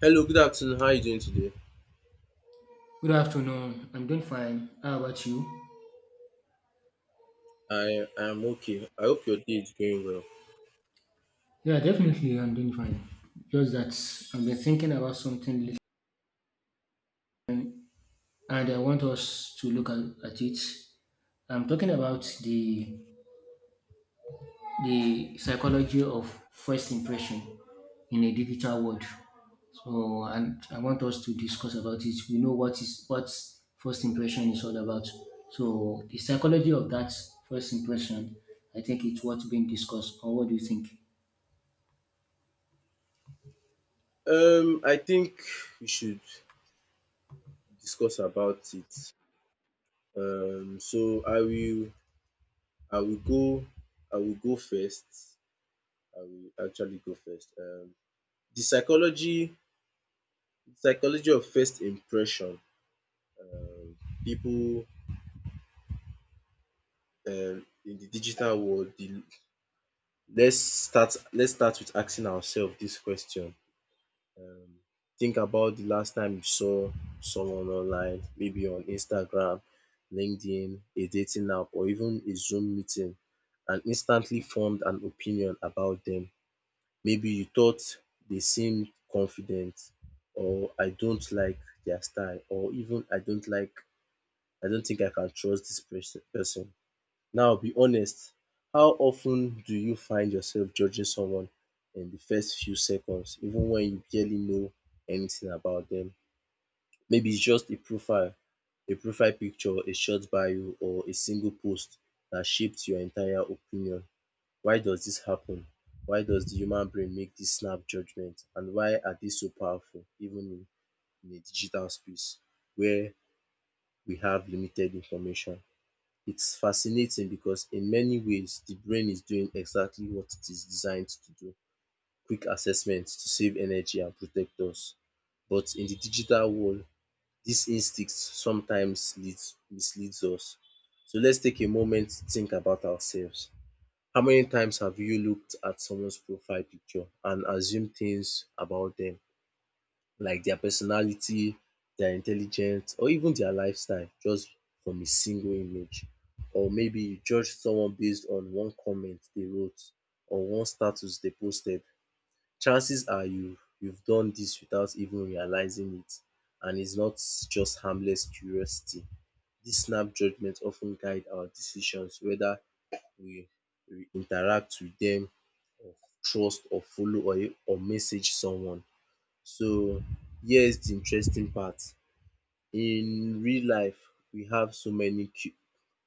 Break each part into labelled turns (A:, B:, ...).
A: Hello, good afternoon. How are you doing today?
B: Good afternoon. I'm doing fine. How about you?
A: I am okay. I hope your day is going well.
B: Yeah, definitely I'm doing fine. Just that I've been thinking about something and I want us to look at it. I'm talking about the psychology of first impression in a digital world. And I want us to discuss about it. We know what first impression is all about. So the psychology of that first impression, I think it's what's being discussed. Or what do you think?
A: I think we should discuss about it. Um, so I will, I will go, I will go first. I will actually go first. The psychology of first impression. Um, people in the digital world. Let's start. Let's start with asking ourselves this question. um think about the last time you saw someone online, maybe on Instagram, LinkedIn, a dating app or even a Zoom meeting, and instantly formed an opinion about them. Maybe you thought they seemed confident, or I don't like their style, or even I don't like, I don't think I can trust this person. Now be honest, how often do you find yourself judging someone in the first few seconds even when you barely know anything about them? Maybe it's just a profile picture, a short bio or a single post that shaped your entire opinion. Why does this happen? Why does the human brain make this snap judgement, and why are dey so powerful even in a digital space where we have limited information? It's fascinating because in many ways the brain is doing exactly what it is designed to do. Quick assessment to save energy and protect us. But in the digital world, this instinct sometimes leads misleads us. So let's take a moment to think about ourselves. How many times have you looked at someone's profile picture and assumed things about them? Like their personality, their intelligence or even their lifestyle just from a single image. Or maybe you judge someone based on one comment they wrote or one status they posted. Chances are you've done this without even realizing it, and it's not just harmless curiosity. This snap judgment often guide our decisions, whether we we interact with them or trust or follow or message someone. So here's the interesting part. In real life, we have so many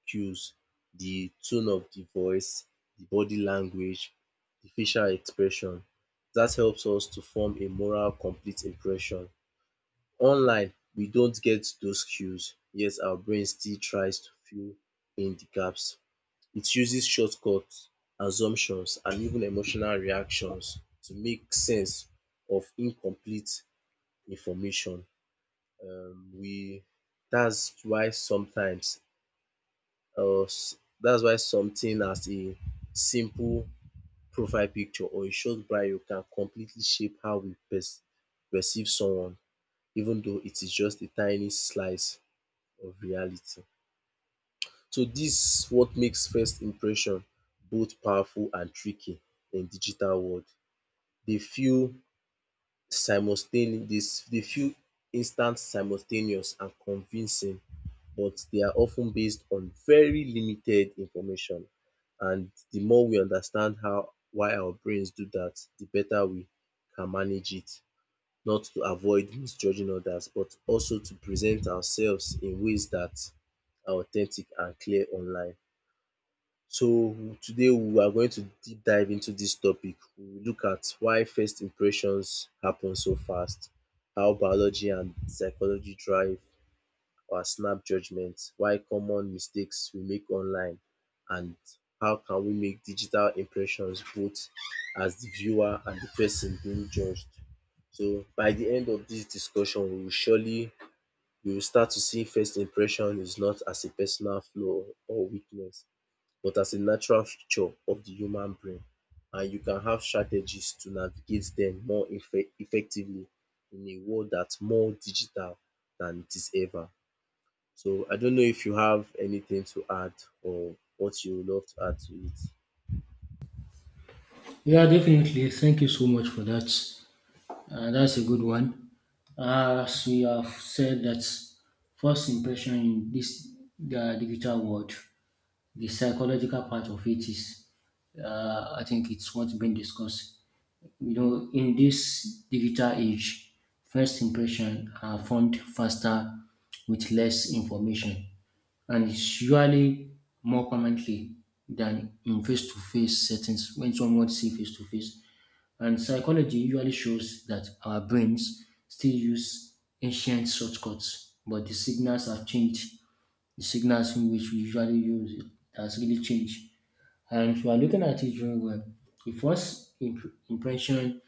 A: cues. The tone of the voice, the body language, the facial expression. That helps us to form a moral complete impression. Online, we don't get those cues, yet our brain still tries to fill in the gaps. It uses shortcuts, assumptions and even emotional reactions to make sense of incomplete information. We That's why sometimes or that's why something as a simple profile picture or a short bio can completely shape how we perceive someone, even though it is just a tiny slice of reality. So this what makes first impression both powerful and tricky in digital world. Dey feel Dey feel instant, simultaneous and convincing, but they are often based on very limited information. And the more we understand how why our brains do that, the better we can manage it, not to avoid misjudging others, but also to present ourselves in ways that are authentic and clear online. So today we are going to deep dive into this topic. We will look at why first impressions happen so fast, how biology and psychology drive or snap judgments. Why common mistakes we make online, and how can we make digital impressions both as the viewer and the person being judged. So by the end of this discussion we will surely we will start to see first impression is not as a personal flaw or weakness, but as a natural feature of the human brain, and you can have strategies to navigate them more effectively in a world that's more digital than it is ever. So I don't know if you have anything to add or what you would love to add to it.
B: Yeah, definitely. Thank you so much for that. That's a good one. As we have said, that first impression in this the digital world, the psychological part of it is, I think it's what's been discussed. You know, in this digital age, first impression are formed faster with less information, and it's usually more permanently than in face-to-face settings when someone see face-to-face. And psychology usually shows that our brains still use ancient shortcuts, but the signals have changed. The signals in which we usually use it has really changed. And if you are looking at it very well, the first impression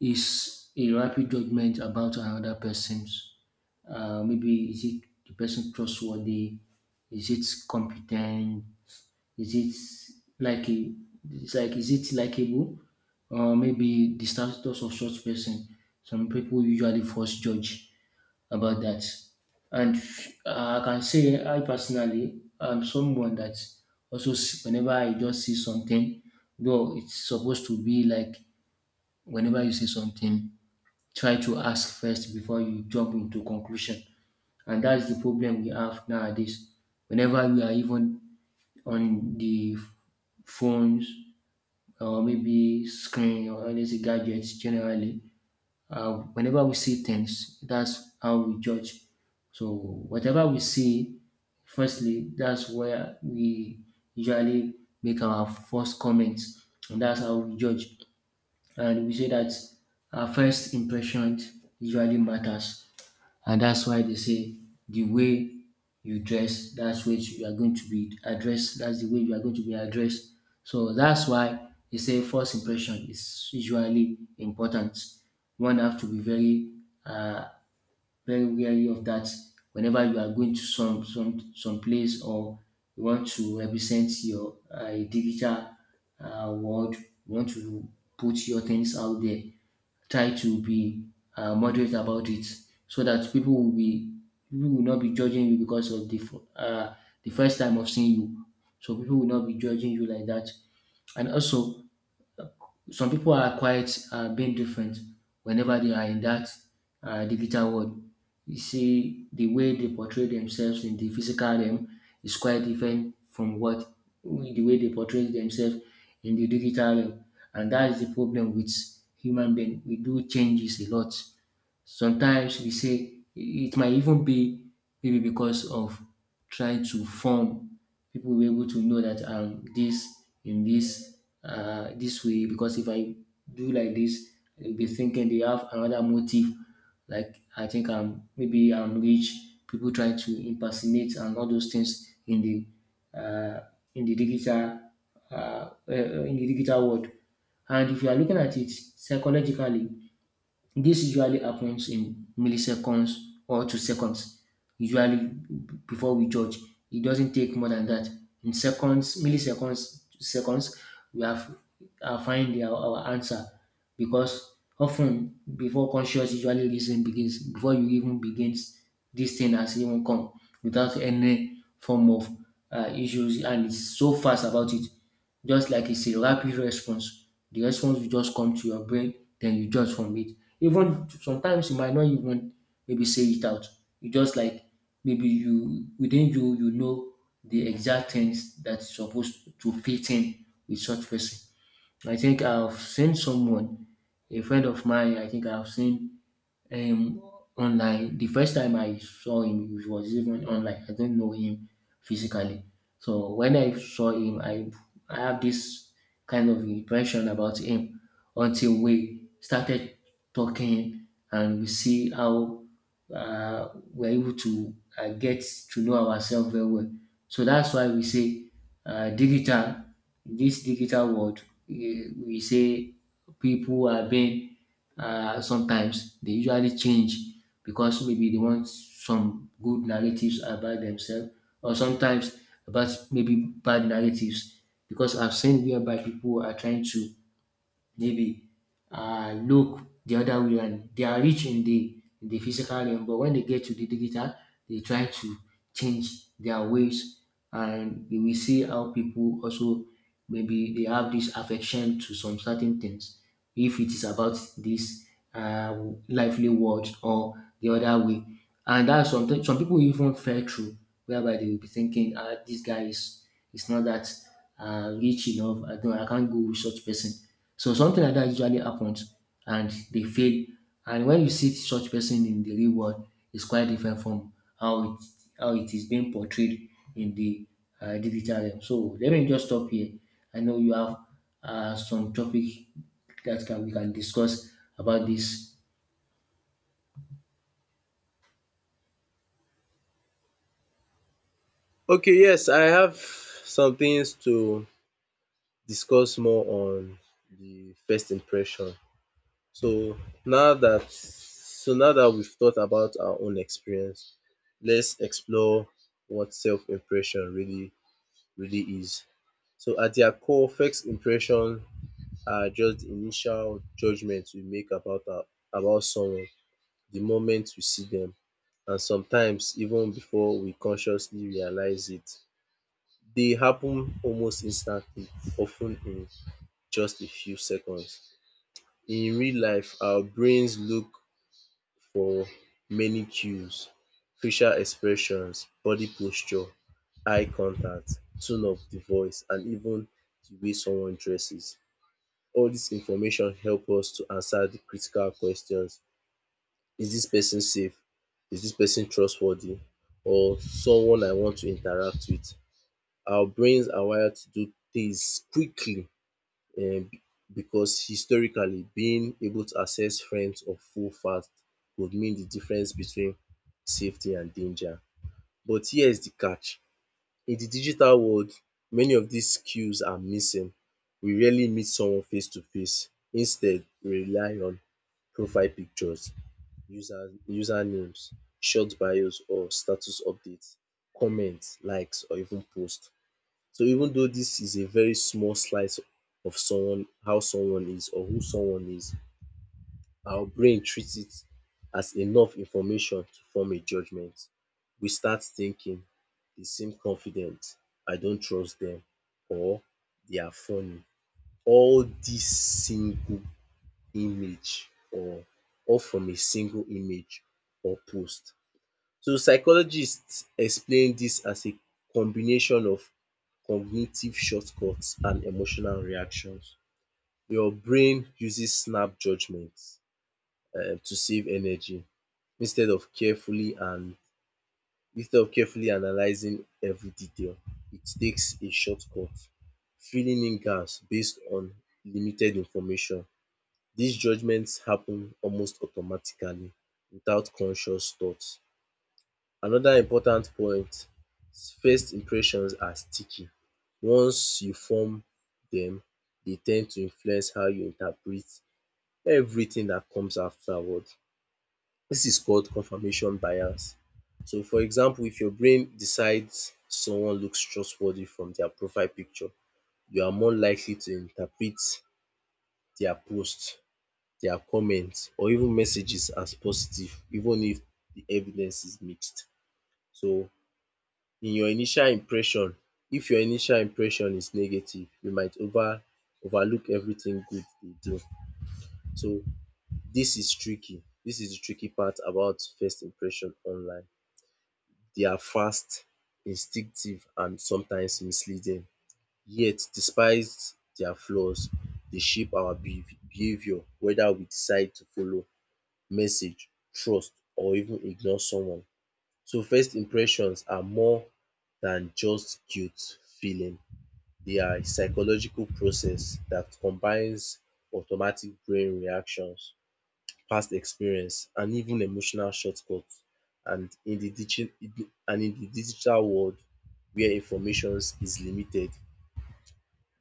B: is a rapid judgment about another person's. Maybe is it the person trustworthy? Is it competent? Is it like, is it likable? Or maybe the status of such person. Some people usually first judge about that. And I can say I personally am someone that whenever I just see something, though it's supposed to be like whenever you see something, try to ask first before you jump into conclusion. And that's the problem we have nowadays. Whenever we are even on the phones or maybe screen or let's say gadgets generally, whenever we see things, that's how we judge. So whatever we see, firstly, that's where we usually make our first comments, and that's how we judge. And we say that our first impression usually matters. And that's why they say the way you dress, that's what you are going to be addressed. That's the way you are going to be addressed. So that's why they say first impression is usually important. One have to be uh, very wary of that. Whenever you are going to some place or you want to represent your digital world, you want to put your things out there, try to be moderate about it so that people will not be judging you because of the first time of seeing you. So people will not be judging you like that. And also some people are quite being different whenever they are in that digital world. You see, the way they portray themselves in the physical realm is quite different from what the way they portray themselves in the digital realm, and that is the problem with human being. We do changes a lot. Sometimes we say it might even be maybe because of trying to form people will be able to know that this in this this way, because if I do like this, they'll be thinking they have another motive. Like I think I'm rich. People trying to impersonate and all those things in the digital in the digital world. And if you are looking at it psychologically, this usually happens in milliseconds or to seconds. Usually, before we judge, it doesn't take more than that. In seconds, milliseconds, seconds, we have find our answer, because often before conscious usually reason begins, before you even begins, this thing has even come without any form of issues, and it's so fast about it. Just like it's a rapid response. The response will just come to your brain, then you judge from it. Even sometimes you might not even maybe say it out. You just like maybe you within you you know the exact things that's supposed to fit in with such person. I think I've seen someone, a friend of mine. I think I've seen um, online. The first time I saw him it was even online. I don't know him physically. So when I saw him, I have this kind of impression about him until we started talking and we see how we're able to get to know ourselves very well. So that's why we say uh, digital, in this digital world, eh, we say people are being sometimes they usually change because maybe they want some good narratives about themselves or sometimes about maybe bad narratives, because I've seen whereby people are trying to maybe look the other way and they are rich in the physical realm, but when they get to the digital they try to change their ways. And we will see how people also maybe they have this affection to some certain things, if it is about this uh, lively world or the other way. And that's something some people even fell through, whereby they will be thinking, ah, this guy is not that rich enough. I can't go with such person. So something like that usually happens and they fail. And when you see such person in the real world, it's quite different from how it how it is being portrayed in the digital realm. So let me just stop here. I know you have some topic that can we can discuss about this.
A: Okay, yes, I have some things to discuss more on the first impression. So now that so now that we've thought about our own experience, let's explore what self-impression really is. So at their core, first impression are just the initial judgments we make about our about someone. The moment we see them, and sometimes even before we consciously realize it. They happen almost instantly, often in just a few seconds. In real life, our brains look for many cues: facial expressions, body posture, eye contact, tone of the voice and even the way someone dresses. All this information help us to answer the critical questions. Is dis person safe? Is dis person trustworthy? Or someone I want to interact with? Our brains are wired to do things quickly um because historically being able to access friends or foe fast could mean the difference between safety and danger. But here's the catch. In the digital world, many of dis skills are missing. We rarely meet someone face to face. Instead, we rely on profile pictures, usernames, short bios or status updates, comments, likes or even posts. So even though this is a very small slice of someone how someone is or who someone is, our brain treats it as enough information to form a judgement. We start thinking they seem confident”, “I don't trust them, or “they are funny”. All this single image or all from a single image or post. So psychologists explain dis as a combination of cognitive shortcuts and emotional reactions. Your brain uses snap judgement to save energy instead of carefully and instead of carefully analyzing every detail. It takes a shortcut, filling in gaps based on limited information. Dis judgement happen almost automatically without conscious thought. Another important point, first impressions are sticky. Once you form them, they ten d to influence how you interpret everything that comes afterward. This is called confirmation bias. So for example, if your brain decides someone looks trustworthy from their profile picture, you are more likely to interpret their post, their comment or even messages as positive, even if the evidence is mixed. So in your initial impression, if your initial impression is negative, you might overlook everything good they do. So this is the tricky part about first impression online. They are fast, instinctive and sometimes misleading. Yet despite their flaws, they shape our behavior, whether we decide to follow, message, trust or even ignore someone. So first impressions are more than just guilt feeling. They are a psychological process that combines automatic brain reactions, past experience, and even emotional shortcuts. And in and in the digital world where information is limited,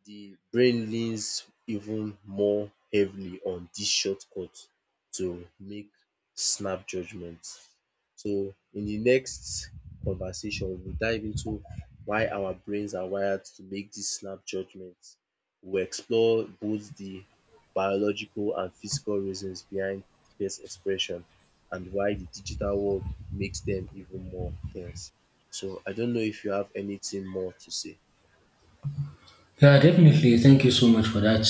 A: the brain leans even more heavily on this shortcut to make snap judgments. So in the next conversation, we'll dive into why our brains are wired to make these snap judgments. We'll explore both the biological and physical reasons behind face expression and why the digital world makes them even more tense. So I don't know if you have anything more to say.
B: Yeah, definitely. Thank you so much for that.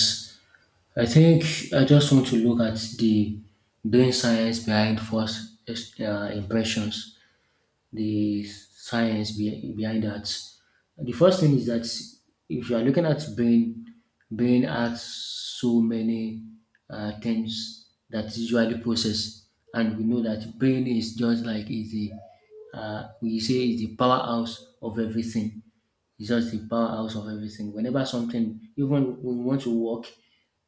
B: I think I just want to look at the brain science behind false impressions. The behind that. The first thing is that if you are looking at brain has so many things that usually process, and we know that brain is just like is the we say is the powerhouse of everything. It's just the powerhouse of everything. Whenever something, even when we want to work,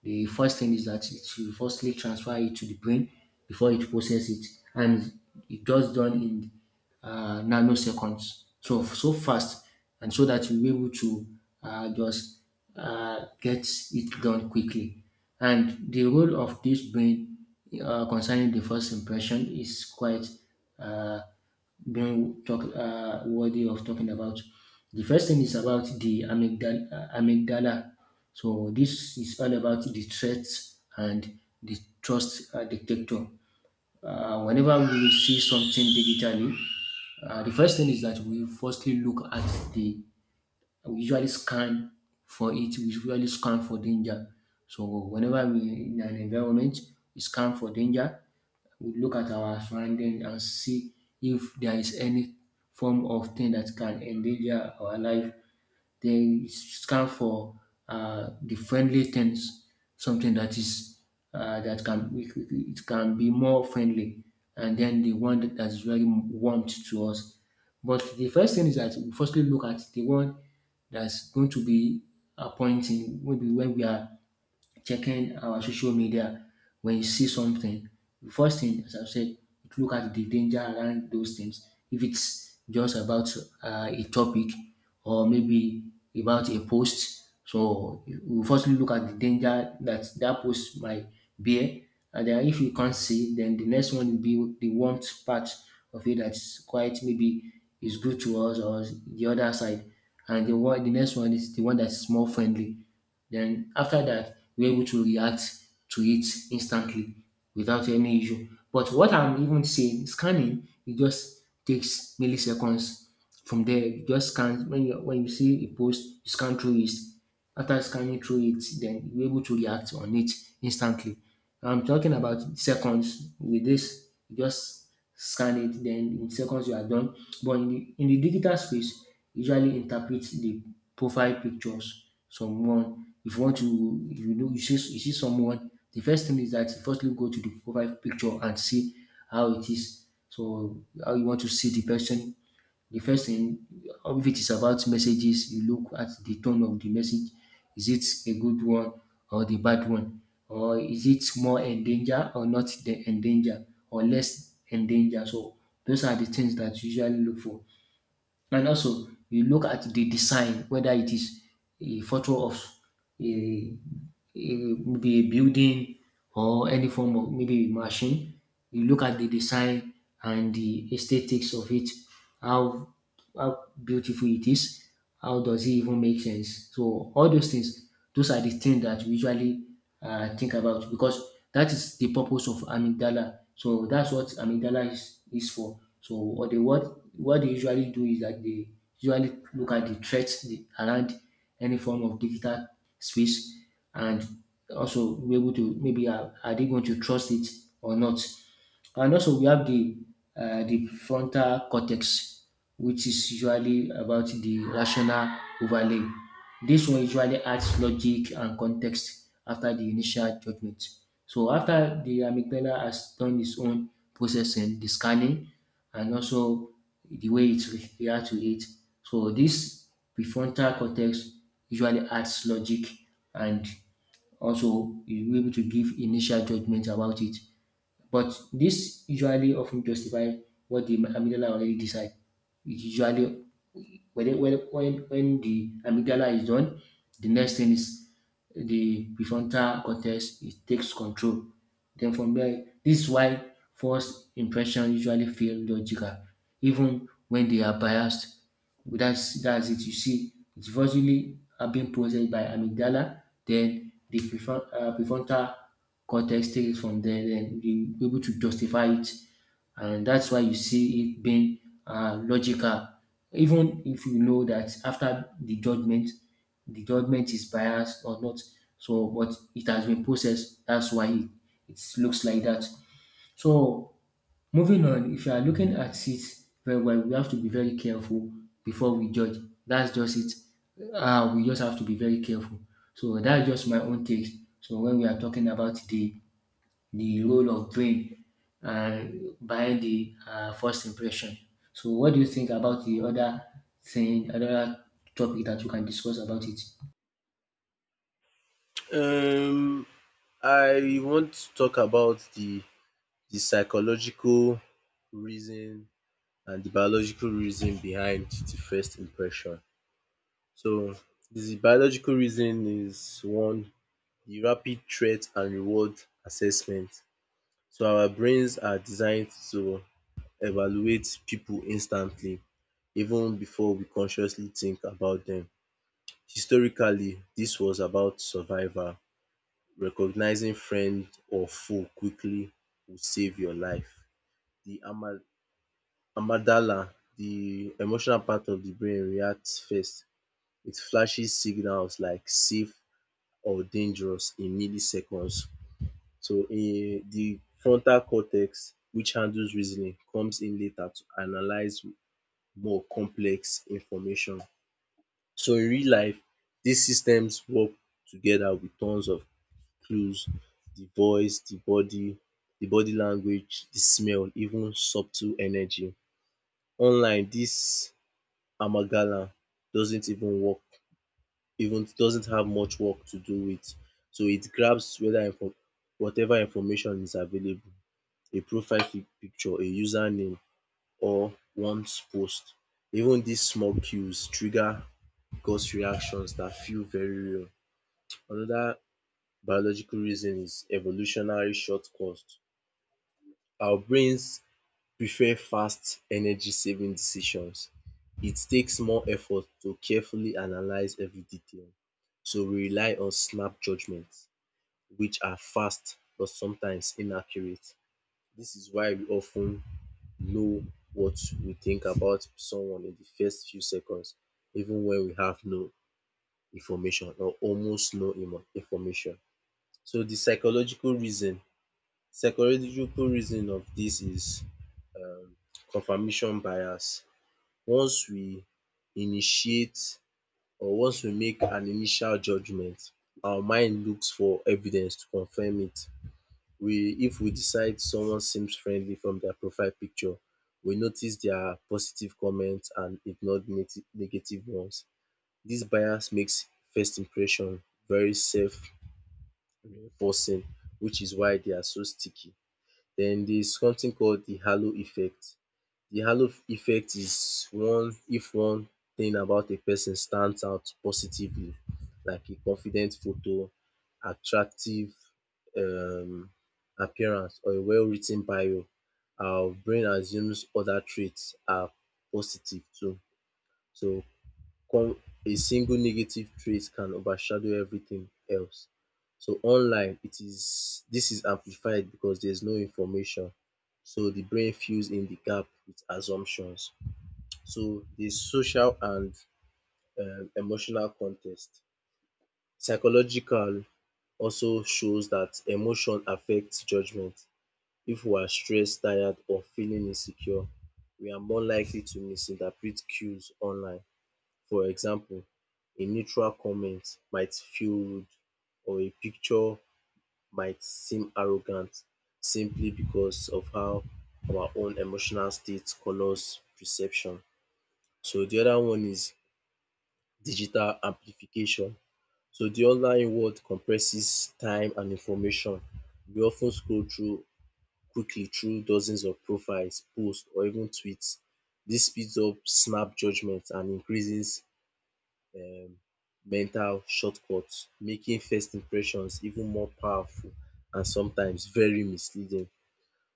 B: the first thing is that it will firstly transfer it to the brain before it process it, and it does done in nanoseconds. So so fast, and so that you're able to just get it done quickly. And the role of this brain concerning the first impression is quite uh, worthy of talking about. The first thing is about the amygdala, amygdala. So this is all about the threats and the trust detector. Whenever we see something digitally, the first thing is that we firstly look at the we usually scan for we usually scan for danger. So whenever we in an environment, we scan for danger, we look at our surrounding and see if there is any form of thing that can endanger our life. They scan for the friendly things, something that is that can it can be more friendly, and then the one that is very warm to us. But the first thing is that we firstly look at the one that's going to be appointing, maybe when we are checking our social media, when you see something, the first thing, as I've said, look at the danger around those things. If it's just about a topic or maybe about a post, so you firstly look at the danger that that post might bear, and then if you can't see, then the next one will be the warmth part of it, that's quite maybe is good to us or the other side, and the next one is the one that's more friendly. Then after that, we're able to react to it instantly without any issue. But what I'm even saying, scanning, it just takes milliseconds. From there, you just scan when you see a post, you scan through it. After scanning through it, then you're able to react on it instantly. I'm talking about seconds. With this you just scan it, then in seconds you are done. But in the digital space usually interpret the profile pictures someone, if you want to, if you know you see someone, the first thing is that you firstly go to the profile picture and see how it is, so how you want to see the person, the first thing, if it is about messages, you look at the tone of the message. Is it a good one or the bad one? Or is it more endanger or not the endanger or less endanger? So those are the things that you usually look for. And also you look at the design, whether it is a photo of a eh, maybe a building or any form of maybe machine. You look at the design and the aesthetics of it, how how beautiful it is, how does it even make sense? So all those things, those are the things that we usually think about because that is the purpose of amygdala. So that's what amygdala is for. So what they usually do is that they usually look at the threats around any form of digital space, and also be able to maybe are they going to trust it or not. And also we have the frontal cortex, which is usually about the rational overlay. This one usually adds logic and context after the initial judgment, so after the amygdala has done its own processing, the scanning and also the way it react to it. So this prefrontal cortex usually adds logic, and also you'll be able to give initial judgment about it. But this usually often justify what the amygdala already decide. It usually, when the amygdala is done, the next thing is the prefrontal cortex, it takes control. Then from there, this is why first impression usually feel logical, even when they are biased. That's it. You see, it's virtually are being processed by amygdala, then the prefrontal cortex takes it from there, then be able to justify it, and that's why you see it being logical. Even if you know that after the judgment is biased or not, so but it has been processed. That's why it looks like that. So moving on, if you are looking at it very well, we have to be very careful before we judge. That's just it. We just have to be very careful. So that's just my own take. So when we are talking about the role of brain uh, behind the first impression. So, what do you think about the other thing, other topic that you can discuss about it?
A: Um, I want to talk about the psychological reason and the biological reason behind the first impression. So the biological reason is one, the rapid threat and reward assessment. So our brains are designed to evaluate people instantly, even before we consciously think about them. Historically this was about survival. Recognizing friend or foe quickly will save your life. The ama amygdala, the emotional part of the brain reacts first. It flashes signals like safe or dangerous in milliseconds. So the frontal cortex, which handles reasoning, comes in later to analyze more complex information. So in real life, these systems work together with tons of clues, the voice, the body language, the smell, even subtle energy. Online, this amagala doesn't even work, even doesn't have much work to do with. So it grabs whether info whatever information is available, a profile pic picture, a username or one's post. Even these small cues trigger gut reactions that feel very real. Another biological reason is evolutionary shortcut. Our brains prefer fast energy saving decisions. It takes more effort to carefully analyze every detail, so we rely on snap judgments which are fast but sometimes inaccurate. This is why we often know what we think about someone in the first few seconds, even when we have no information or almost no imo information. So the psychological reason of this is confirmation bias. Once we initiate Once we make an initial judgement, our mind looks for evidence to confirm it. We, if we decide someone seems friendly from their profile picture, we notice their positive comments and ignore negative ones. This bias makes first impression very self-reinforcing, which is why they are so sticky. Then there is something called the halo effect. The halo effect is one if one thing about a person stands out positively, like a confident photo, attractive um appearance or a well writ ten bio. Our brain assumes other traits are positive too. So com- a single negative trait can overshadow everything else. So online it is this is amplified because there's no information. So the brain fills in the gap with assumptions. So the social and emotional context. Psychological also shows that emotion affects judgment. If we are stressed, tired or feeling insecure, we are more likely to misinterpret cues online. For example, a neutral comment might feel rude or a picture might seem arrogant simply because of how our own emotional state colors perception. So the other one is digital amplification. So the online world compresses time and information. We often scroll through quickly through dozens of profiles, posts or even tweets. This speeds up snap judgement and increases um mental shortcuts, making first impressions even more powerful and sometimes very misleading.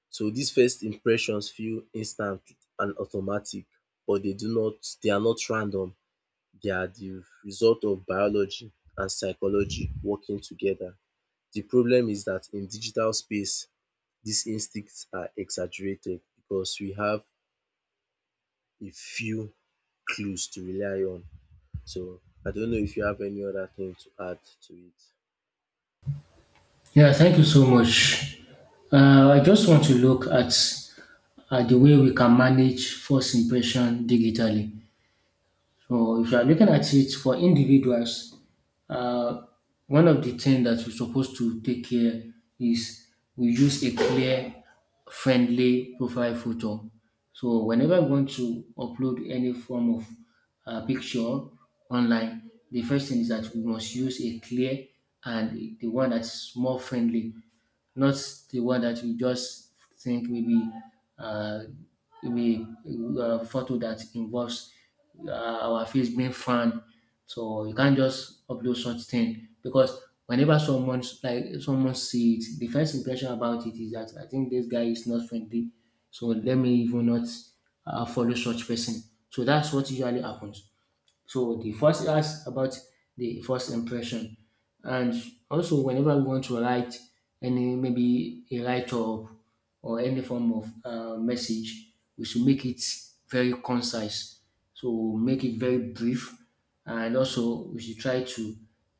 A: So these first impressions feel instant and automatic, but they do not, they are not random. They are the result of biology and psychology working together. The problem is that in digital space, these instincts are exaggerated because we have a few clues to rely on. So I don't know if you have any other thing to add to it.
B: Yeah, thank you so much. I just want to look at the way we can manage first impression digitally. So if you are looking at it for individuals, uh, one of the things that we're supposed to take care is we use a clear, friendly profile photo. So whenever we want to upload any form of picture online, the first thing is that we must use a clear and the one that's more friendly, not the one that we just think maybe uh, maybe a photo that involves our face being frowned. So you can't just upload such thing because whenever someone, like, someone see it, the first impression about it is that I think this guy is not friendly. So let me even not follow such person. So that's what usually happens. So the first ask about the first impression. And also whenever we want to write any, maybe a write up or any form of message, we should make it very concise. So make it very brief. And also, we should try to,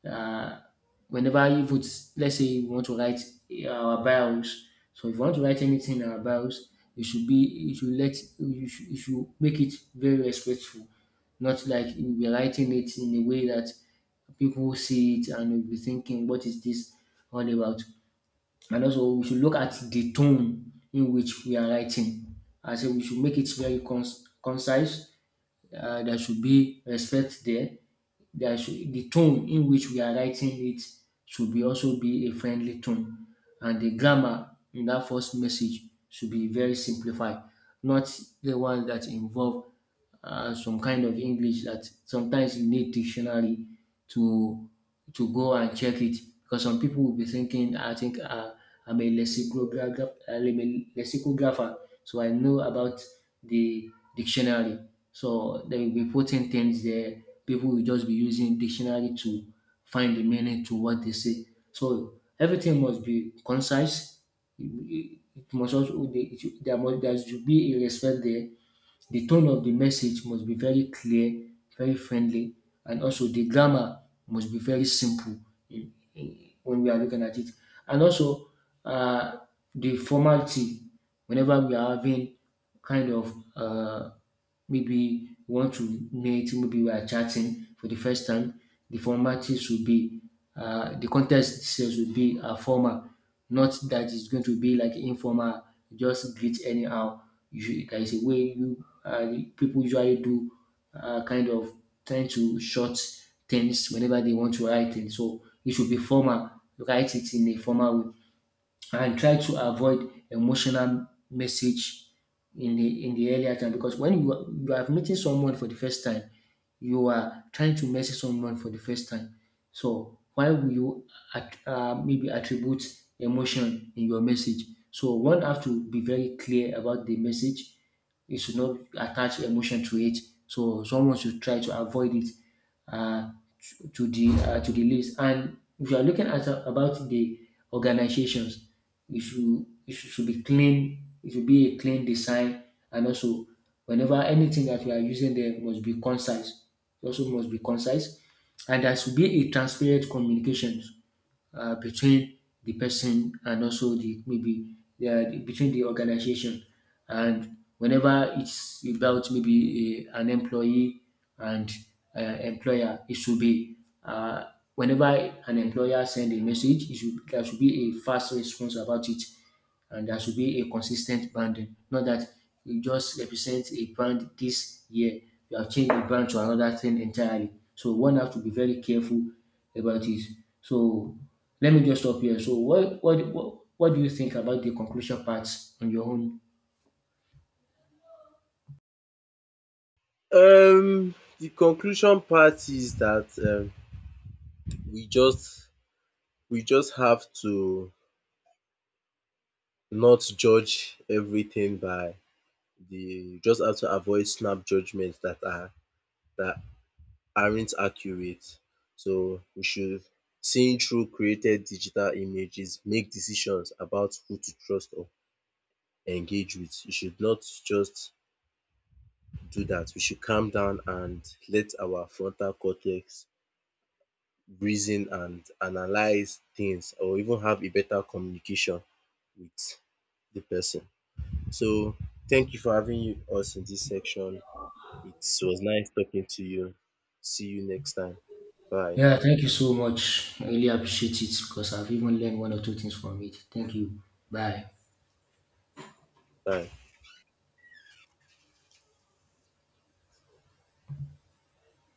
B: uh, whenever you put, let's say you want to write our bios. So if you want to write anything in our bios, you should be, you should let, you should make it very respectful. Not like you'll be writing it in a way that people will see it and will be thinking, what is this all about? And also, we should look at the tone in which we are writing. I say we should make it very concise. Uh, there should be respect there. There should, the tone in which we are writing it should be also be a friendly tone, and the grammar in that first message should be very simplified, not the one that involve some kind of English that sometimes you need dictionary to go and check it, because some people will be thinking, I think I'm a lexicographer, so I know about the dictionary. So there will be putting things there. People will just be using dictionary to find the meaning to what they say. So everything must be concise. It must also it should, there should be a respect there. The tone of the message must be very clear, very friendly, and also the grammar must be very simple in- in- when we are looking at it. And also uh, the formality, whenever we are having kind of maybe we want to meet, maybe we are chatting for the first time, the formalities will be, the context sales will be formal, not that it's going to be like informal, just greet anyhow. There is a way you, people usually do kind of trying to short things whenever they want to write it. So it should be formal. Write it in a formal way and try to avoid emotional message in the earlier time, because when you are meeting someone for the first time, you are trying to message someone for the first time. So why will you maybe attribute emotion in your message? So one have to be very clear about the message, you should not attach emotion to it. So someone should try to avoid it uh, to the list. And if you are looking at about the organizations, it should should be clean. It should be a clean design, and also whenever anything that we are using there must be concise. It also must be concise, and there should be a transparent communication between the person and also the maybe, yeah, the, between the organization. And whenever it's about maybe an employee and employer, it should be uh, whenever an employer send a message it should, there should be a fast response about it, and there should be a consistent branding. Not that you just represent a brand this year, you have changed the brand to another thing entirely. So one have to be very careful about it. So let me just stop here. So what do you think about the conclusion parts on your own?
A: um the conclusion part is that we just we just have to not judge everything by the just have to avoid snap judgments that are that aren't accurate. So we should seeing through created digital images make decisions about who to trust or engage with. We should not just do that. We should calm down and let our frontal cortex reason and analyze things, or even have a better communication with the person. So thank you for having us in this section. It was nice talking to you. See you next time. Bye.
B: Yeah, thank you so much. I really appreciate it because I've even learned one or two things from it. Thank you. Bye.
A: Bye.